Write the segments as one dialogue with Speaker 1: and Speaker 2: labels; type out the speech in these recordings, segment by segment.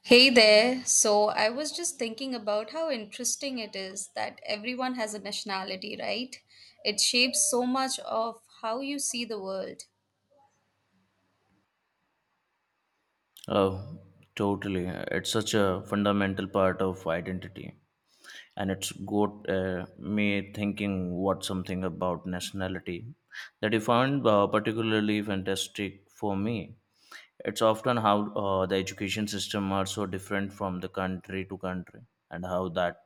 Speaker 1: Hey there. So I was just thinking about how interesting it is that everyone has a nationality, right? It shapes so much of how you see the world.
Speaker 2: Oh, totally. It's such a fundamental part of identity. And it's got me thinking what something about nationality that you found particularly fantastic for me. It's often how the education system are so different from the country to country and how that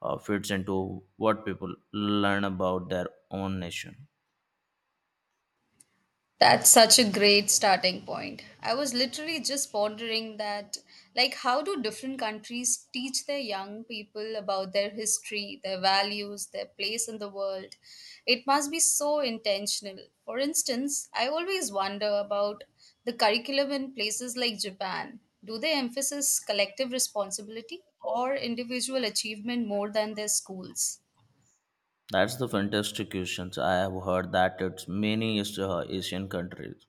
Speaker 2: fits into what people learn about their own nation.
Speaker 1: That's such a great starting point. I was literally just pondering that, like, how do different countries teach their young people about their history, their values, their place in the world? It must be so intentional. For instance, I always wonder about the curriculum in places like Japan. Do they emphasize collective responsibility or individual achievement more than their schools?
Speaker 2: That's the fantastic questions. I have heard that it's many Asian countries.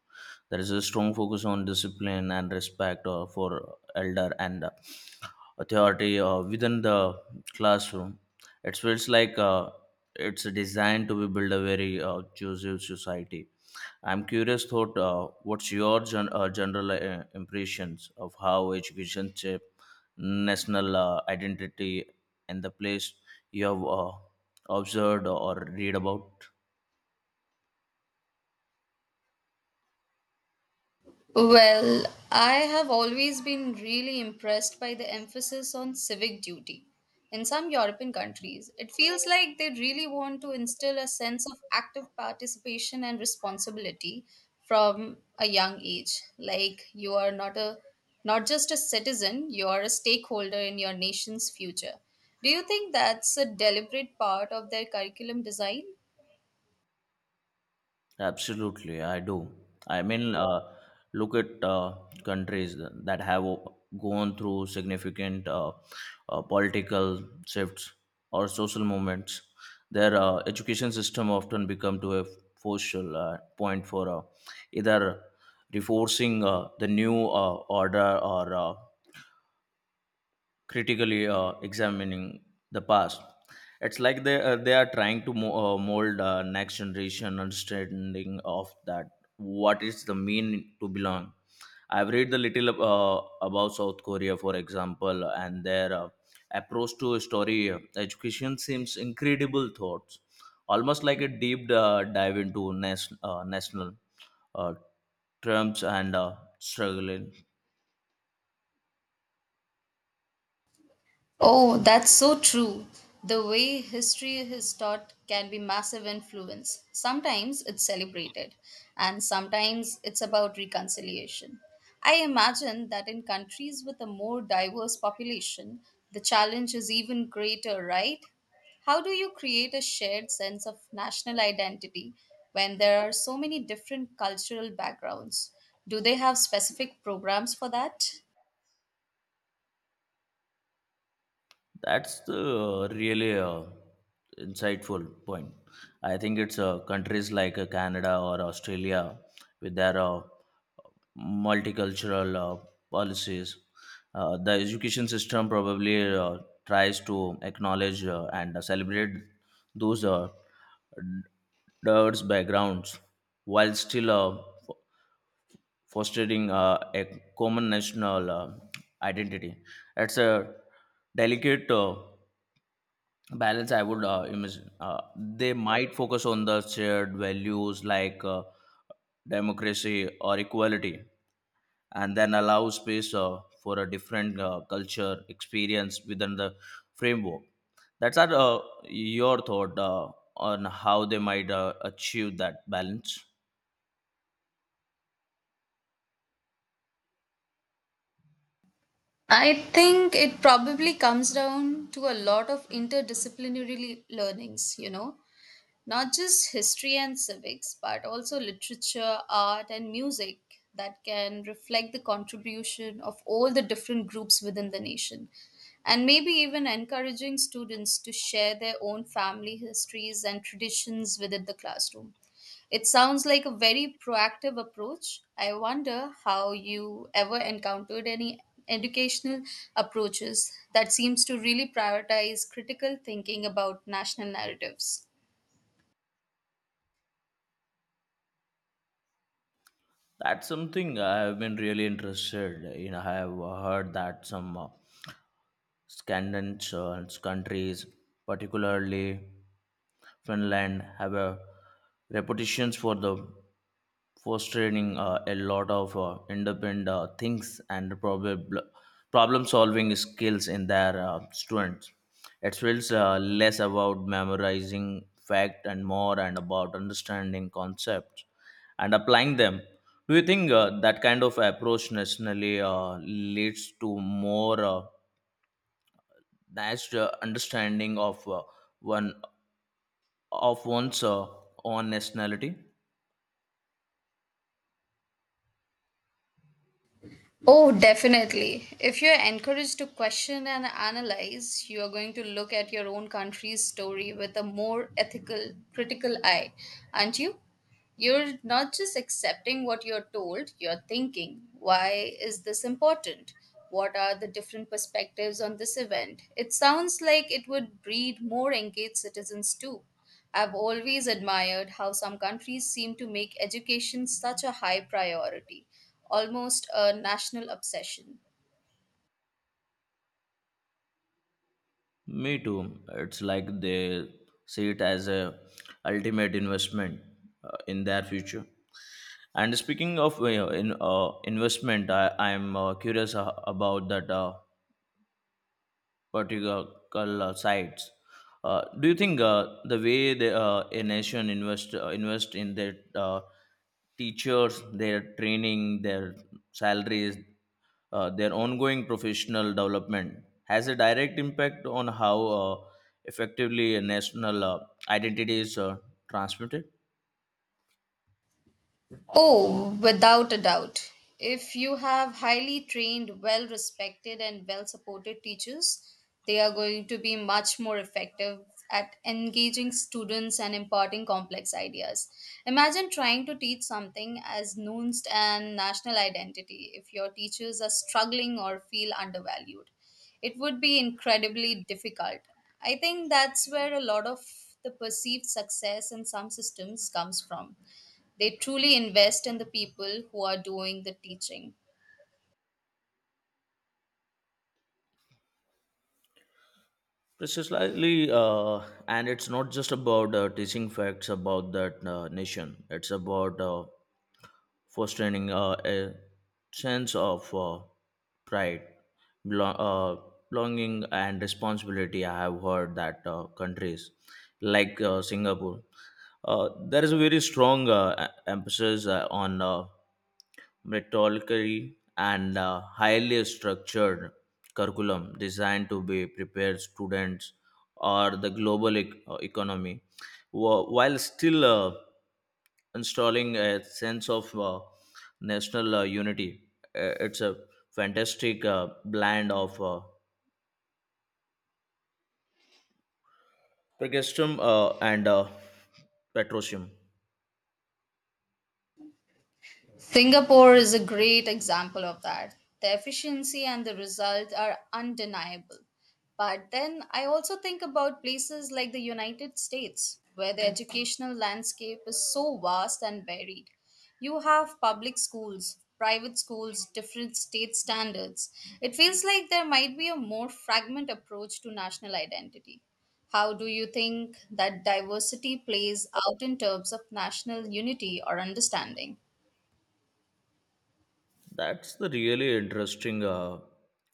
Speaker 2: There is a strong focus on discipline and respect for elder and authority within the classroom. It feels like it's designed to be build a very inclusive society. I'm curious, thought, what's your general impressions of how education shape national identity and the place you have observed or read about?
Speaker 1: Well, I have always been really impressed by the emphasis on civic duty. In some European countries, it feels like they really want to instill a sense of active participation and responsibility from a young age. Like you are not just a citizen, you are a stakeholder in your nation's future. Do you think that's a deliberate part of their curriculum design?
Speaker 2: Absolutely, I do. I mean, look at countries that have gone through significant political shifts or social movements. Their education system often become to a focal point for either reinforcing the new order or critically examining the past. It's like they are trying to mold next generation understanding of that what is the mean to belong. I've read the little about South Korea, for example, and their approach to story education seems incredible. Thoughts, almost like a deep dive into national uh, terms and struggling.
Speaker 1: Oh, that's so true. The way history is taught can be massive influence. Sometimes it's celebrated, and sometimes it's about reconciliation. I imagine that in countries with a more diverse population, the challenge is even greater, right? How do you create a shared sense of national identity when there are so many different cultural backgrounds? Do they have specific programs for that?
Speaker 2: That's the really insightful point. I think it's countries like Canada or Australia with their multicultural policies. The education system probably tries to acknowledge and celebrate those diverse backgrounds while still fostering a common national identity. It's a delicate balance I would imagine they might focus on the shared values like democracy or equality and then allow space for a different culture experience within the framework that's our, your thought on how they might achieve that balance.
Speaker 1: I think it probably comes down to a lot of interdisciplinary learnings, you know, not just history and civics, but also literature, art, and music that can reflect the contribution of all the different groups within the nation. And maybe even encouraging students to share their own family histories and traditions within the classroom. It sounds like a very proactive approach. I wonder how you ever encountered any educational approaches that seems to really prioritize critical thinking about national narratives.
Speaker 2: That's something I have been really interested in. I have heard that some Scandinavian countries, particularly Finland, have a reputations for the fostering a lot of independent things and probably problem solving skills in their students. It feels less about memorizing fact and more and about understanding concepts and applying them. Do you think that kind of approach nationally leads to more nice understanding of one one's own nationality?
Speaker 1: Oh, definitely. If you're encouraged to question and analyze, you are going to look at your own country's story with a more ethical, critical eye, aren't you? You're not just accepting what you're told, you're thinking, why is this important? What are the different perspectives on this event? It sounds like it would breed more engaged citizens too. I've always admired how some countries seem to make education such a high priority, almost a national obsession.
Speaker 2: Me too. It's like they see it as a ultimate investment in their future. And speaking of in investment, I'm curious about that. Particular sites. Do you think the way a nation invest in their teachers, their training, their salaries, their ongoing professional development has a direct impact on how effectively a national identity is transmitted?
Speaker 1: Oh, without a doubt. If you have highly trained, well respected, and well supported teachers, they are going to be much more effective at engaging students and imparting complex ideas. Imagine trying to teach something as nuanced and national identity if your teachers are struggling or feel undervalued. It would be incredibly difficult. I think that's where a lot of the perceived success in some systems comes from they truly invest in the people who are doing the teaching.
Speaker 2: Precisely, and it's not just about teaching facts about that nation. It's about fostering a sense of pride, belo- uh, belonging, and responsibility. I have heard that countries like Singapore, there is a very strong emphasis on. Methodically and a highly structured curriculum designed to be prepared students or the global economy while still installing a sense of national unity. It's a fantastic blend of progressivism and patriotism.
Speaker 1: Singapore is a great example of that. The efficiency and the result are undeniable. But then I also think about places like the United States, where the educational landscape is so vast and varied. You have public schools, private schools, different state standards. It feels like there might be a more fragment approach to national identity. How do you think that diversity plays out in terms of national unity or understanding?
Speaker 2: That's the really interesting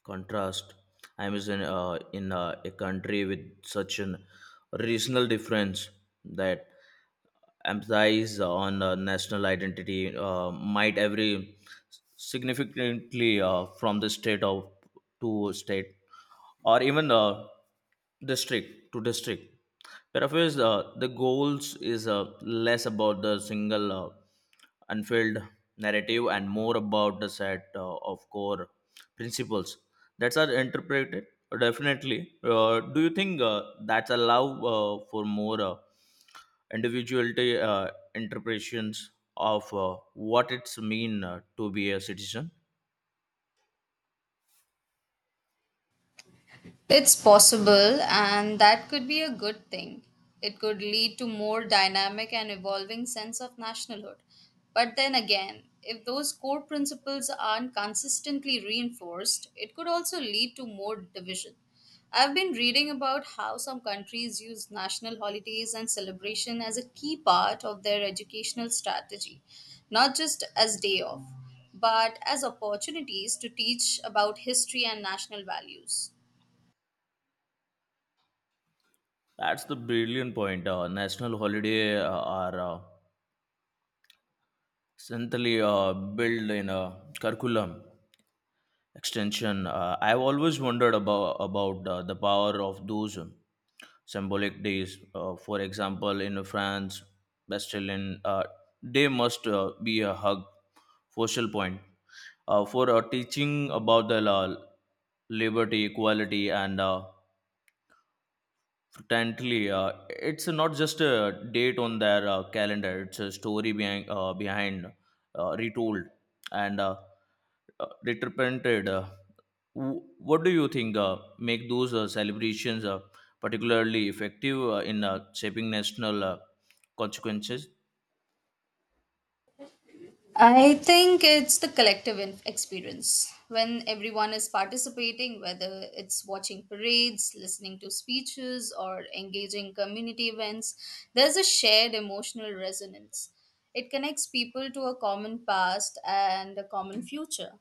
Speaker 2: contrast. I was in a country with such an regional difference that emphasis on national identity might vary significantly from the state of to state or even district to district. Paraphrase the goals is less about the single unfilled narrative and more about the set of core principles that's our interpreted definitely. Do you think that's a love for more individuality interpretations of what it's mean to be a citizen?
Speaker 1: It's possible, and that could be a good thing. It could lead to more dynamic and evolving sense of nationalhood. But then again, if those core principles aren't consistently reinforced, it could also lead to more division. I've been reading about how some countries use national holidays and celebration as a key part of their educational strategy, not just as day off, but as opportunities to teach about history and national values.
Speaker 2: That's the brilliant point. National holiday are centrally built in a curriculum extension I've always wondered about the power of those symbolic days for example in France, bastille they must be a hug focal point for teaching about the law, liberty equality and Frankly, it's not just a date on their calendar; it's a story behind retold and represented. What do you think make those celebrations particularly effective in shaping national consequences?
Speaker 1: I think it's the collective experience. When everyone is participating, whether it's watching parades, listening to speeches, or engaging community events, there's a shared emotional resonance. It connects people to a common past and a common future.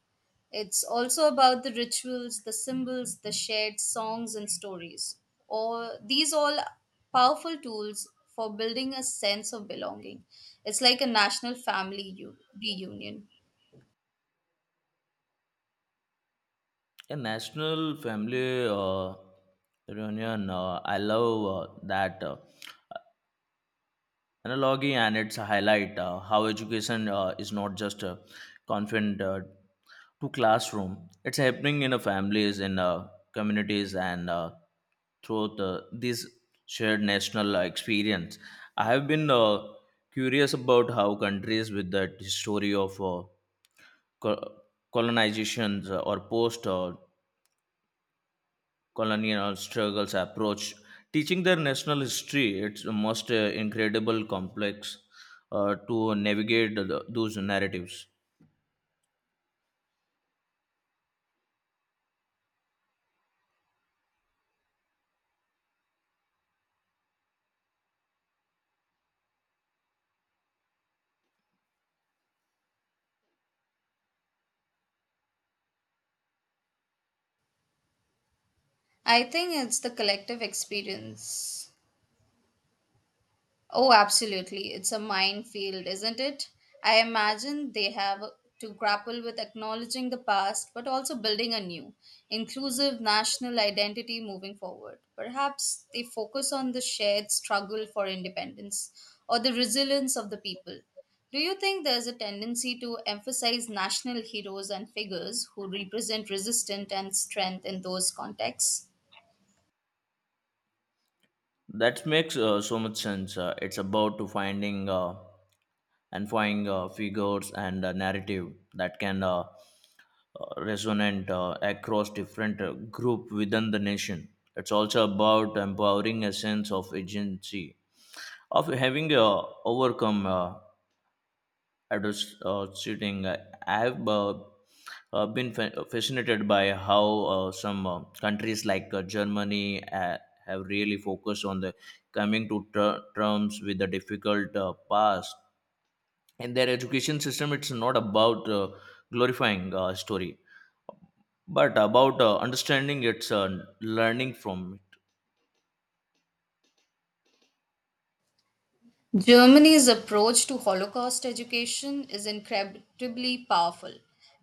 Speaker 1: It's also about the rituals, the symbols, the shared songs and stories. All these all powerful tools for building a sense of belonging. It's like a national family reunion.
Speaker 2: A national family reunion. I love that. Analogy and its a highlight how education is not just confined to classroom. It's happening in families, in communities, and this shared national experience. I have been curious about how countries with that story of co- colonizations or post colonial struggles approach teaching their national history. It's the most incredible complex to navigate the, those narratives.
Speaker 1: I think it's the collective experience Oh, absolutely. It's a minefield, isn't it? I imagine they have to grapple with acknowledging the past, but also building a new, inclusive national identity moving forward. Perhaps they focus on the shared struggle for independence or the resilience of the people. Do you think there's a tendency to emphasize national heroes and figures who represent resistance and strength in those contexts?
Speaker 2: That makes so much sense. It's about to finding. And find figures and a narrative that can resonate across different group within the nation. It's also about empowering a sense of agency, of having overcome adverse shooting. I have fascinated by how some countries like Germany have really focused on the coming to terms with the difficult past and their education system it's not about glorifying story but about understanding its learning from it
Speaker 1: Germany's approach to Holocaust education is incredibly powerful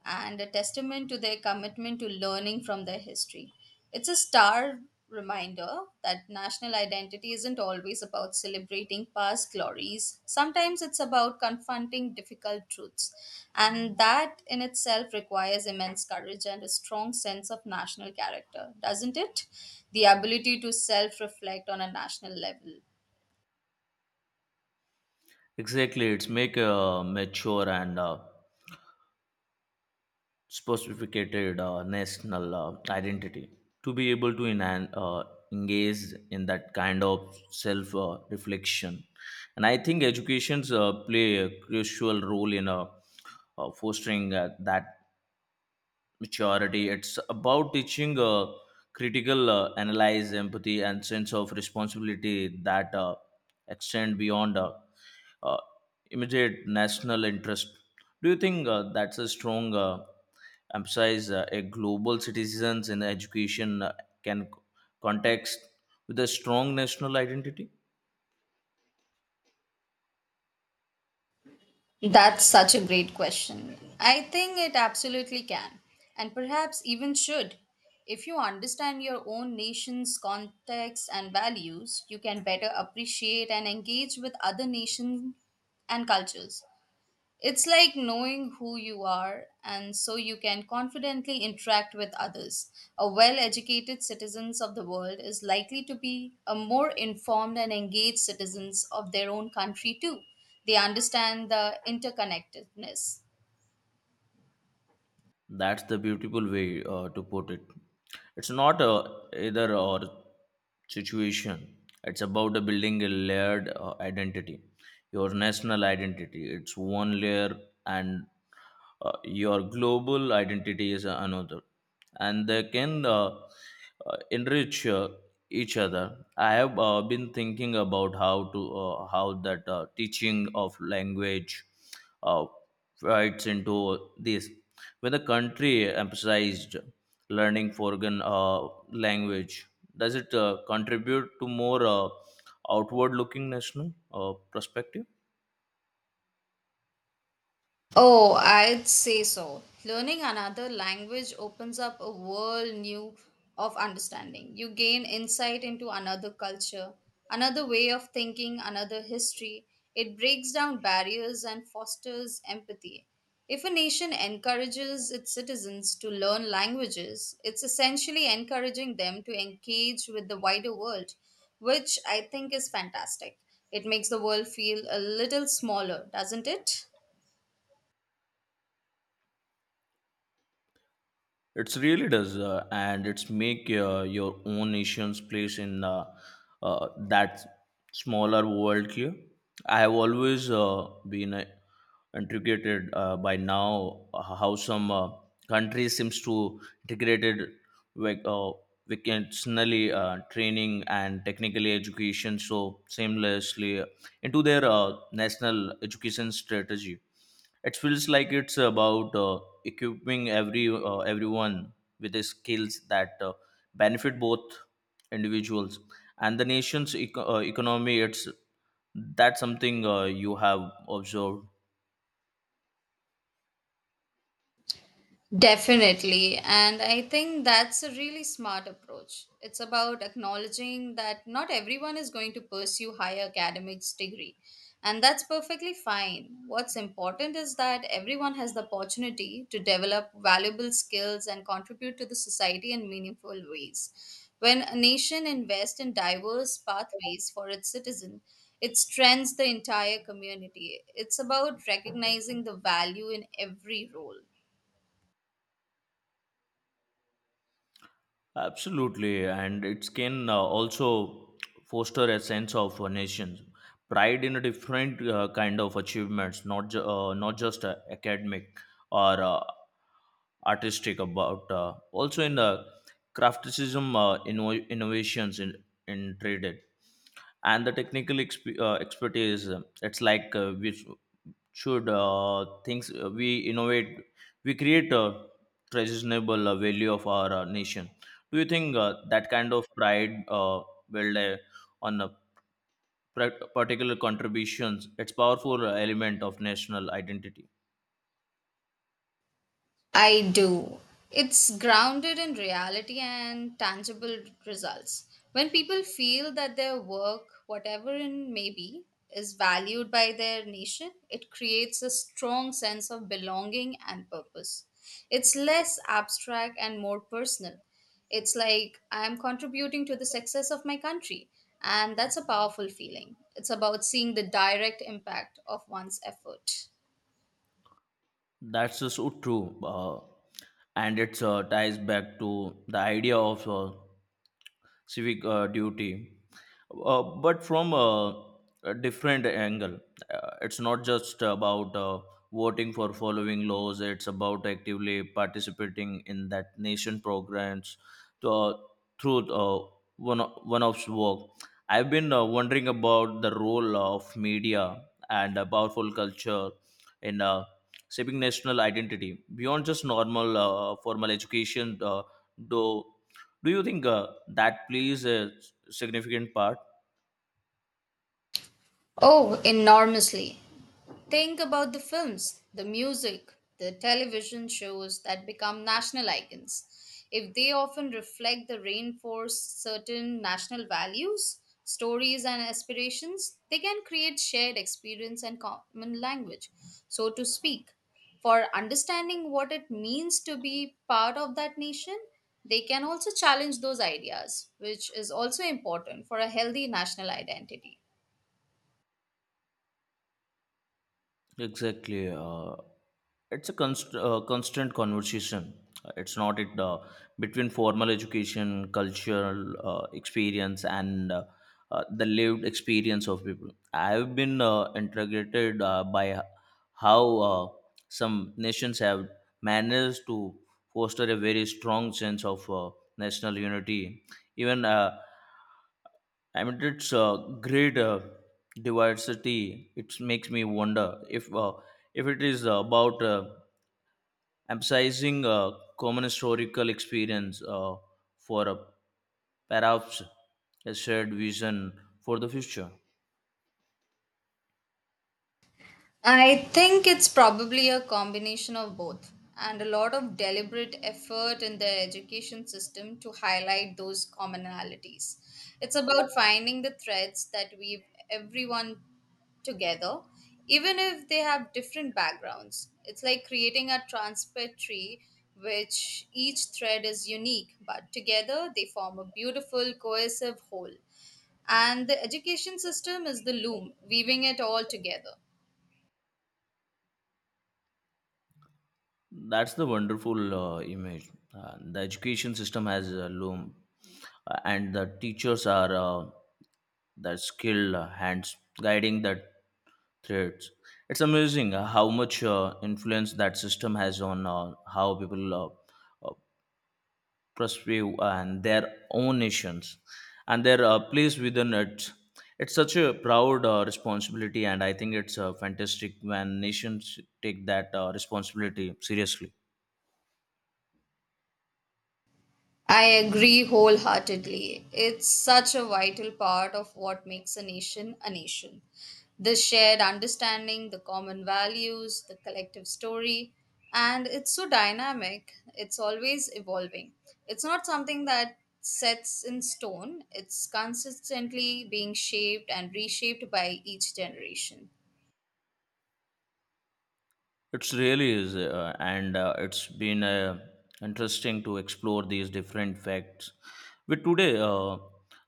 Speaker 1: and a testament to their commitment to learning from their history. It's a stark reminder that national identity isn't always about celebrating past glories, sometimes it's about confronting difficult truths, and that in itself requires immense courage and a strong sense of national character, doesn't it? The ability to self reflect on a national level.
Speaker 2: exactly it's make a mature and specificated national identity to be able to engage in that kind of self reflection and I think educations play a crucial role in fostering that maturity. It's about teaching critical analyze, empathy, and sense of responsibility that extend beyond uh, immediate national interest. Do you think that's a strong emphasis a global citizens in education can c- context with a strong national identity?
Speaker 1: That's such a great question. I think it absolutely can, and perhaps even should. If you understand your own nation's context and values, you can better appreciate and engage with other nations and cultures. It's like knowing who you are, and so you can confidently interact with others. A well educated citizens of the world is likely to be a more informed and engaged citizens of their own country too. They understand the interconnectedness.
Speaker 2: That's the beautiful way to put it. It's not a either or situation. It's about building a layered identity, your national identity. It's one layer, and your global identity is another and they can enrich each other. I have been thinking about how that teaching of language uh, fits into this when the country emphasized learning foreign language, does it contribute to more outward looking national perspective.
Speaker 1: Oh, I'd say so. Learning another language opens up a world new of understanding. You gain insight into another culture, another way of thinking, another history. It breaks down barriers and fosters empathy. If a nation encourages its citizens to learn languages, it's essentially encouraging them to engage with the wider world, which I think is fantastic. It makes the world feel a little smaller, doesn't it?
Speaker 2: It's really does, and it's make your own nation's place in that smaller world here. I have always been intrigued by now how some countries seems to integrated like vocationally training and technically education so seamlessly into their national education strategy. It feels like it's about equipping everyone with the skills that benefit both individuals and the nation's economy. It's that's something you have observed.
Speaker 1: Definitely. And I think that's a really smart approach. It's about acknowledging that not everyone is going to pursue higher academics degree. And that's perfectly fine. What's important is that everyone has the opportunity to develop valuable skills and contribute to the society in meaningful ways. When a nation invests in diverse pathways for its citizen, it strengthens the entire community. It's about recognizing the value in every role.
Speaker 2: Absolutely, and it can also foster a sense of nation's pride in a different kind of achievements, not not just academic or artistic. About also in the crafticism, innovations in traded and the technical expertise. It's like which should things we innovate we create a treasonable value of our nation. Do you think that kind of pride build a, on a particular contributions it's powerful element of national identity
Speaker 1: I do. It's grounded in reality and tangible results. When people feel that their work, whatever it may be, is valued by their nation, it creates a strong sense of belonging and purpose. It's less abstract and more personal. It's like I'm contributing to the success of my country, and that's a powerful feeling. It's about seeing the direct impact of one's effort.
Speaker 2: that's so true and it's ties back to the idea of civic duty, but from a different angle. It's not just about voting for following laws, it's about actively participating in that nation programs to, through uh, one of work. I've been wondering about the role of media and a powerful culture in shaping national identity beyond just normal formal education, though do you think that plays a significant part?
Speaker 1: Oh, enormously. Think about the films, the music, the television shows that become national icons. If they often reflect the reinforce certain national values, stories, and aspirations, they can create shared experience and common language, so to speak. For understanding what it means to be part of that nation, they can also challenge those ideas, which is also important for a healthy national identity.
Speaker 2: Exactly. It's a constant conversation. It's not it between formal education, cultural experience, and the lived experience of people. I've been integrated by how uh, some nations have managed to foster a very strong sense of national unity. Even I mean, it's a great diversity. It makes me wonder if it is about emphasizing common historical experience for a perhaps a shared vision for the future.
Speaker 1: I think it's probably a combination of both and a lot of deliberate effort in the education system to highlight those commonalities. It's about finding the threads that weave everyone together, even if they have different backgrounds. It's like creating a transparent tree, which each thread is unique, but together they form a beautiful, cohesive whole. And the education system is the loom, weaving it all together.
Speaker 2: That's the wonderful image. The education system has a loom, and the teachers are the skilled hands guiding the threads. It's amazing how much influence that system has on how people uh, uh, perceive and their own nations and their place within it. It's such a proud responsibility, and I think it's fantastic when nations take that responsibility seriously.
Speaker 1: I agree wholeheartedly. It's such a vital part of what makes a nation a nation. The shared understanding, the common values, the collective story, and it's so dynamic. It's always evolving. It's not something that sets in stone, it's consistently being shaped and reshaped by each generation.
Speaker 2: It's really is, and it's been interesting to explore these different facts. With today,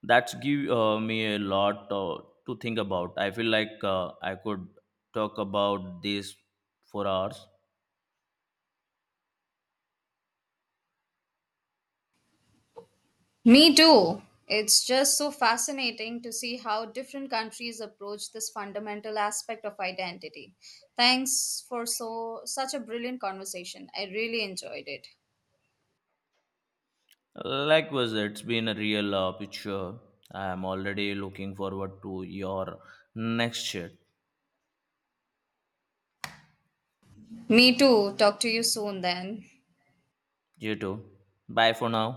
Speaker 2: that's give me a lot to think about. I feel like I could talk about this for hours.
Speaker 1: Me too. It's just so fascinating to see how different countries approach this fundamental aspect of identity. Thanks for such a brilliant conversation. I really enjoyed it.
Speaker 2: Likewise, it's been a real picture. I am already looking forward to your next chat.
Speaker 1: Me too. Talk to you soon then.
Speaker 2: You too. Bye for now.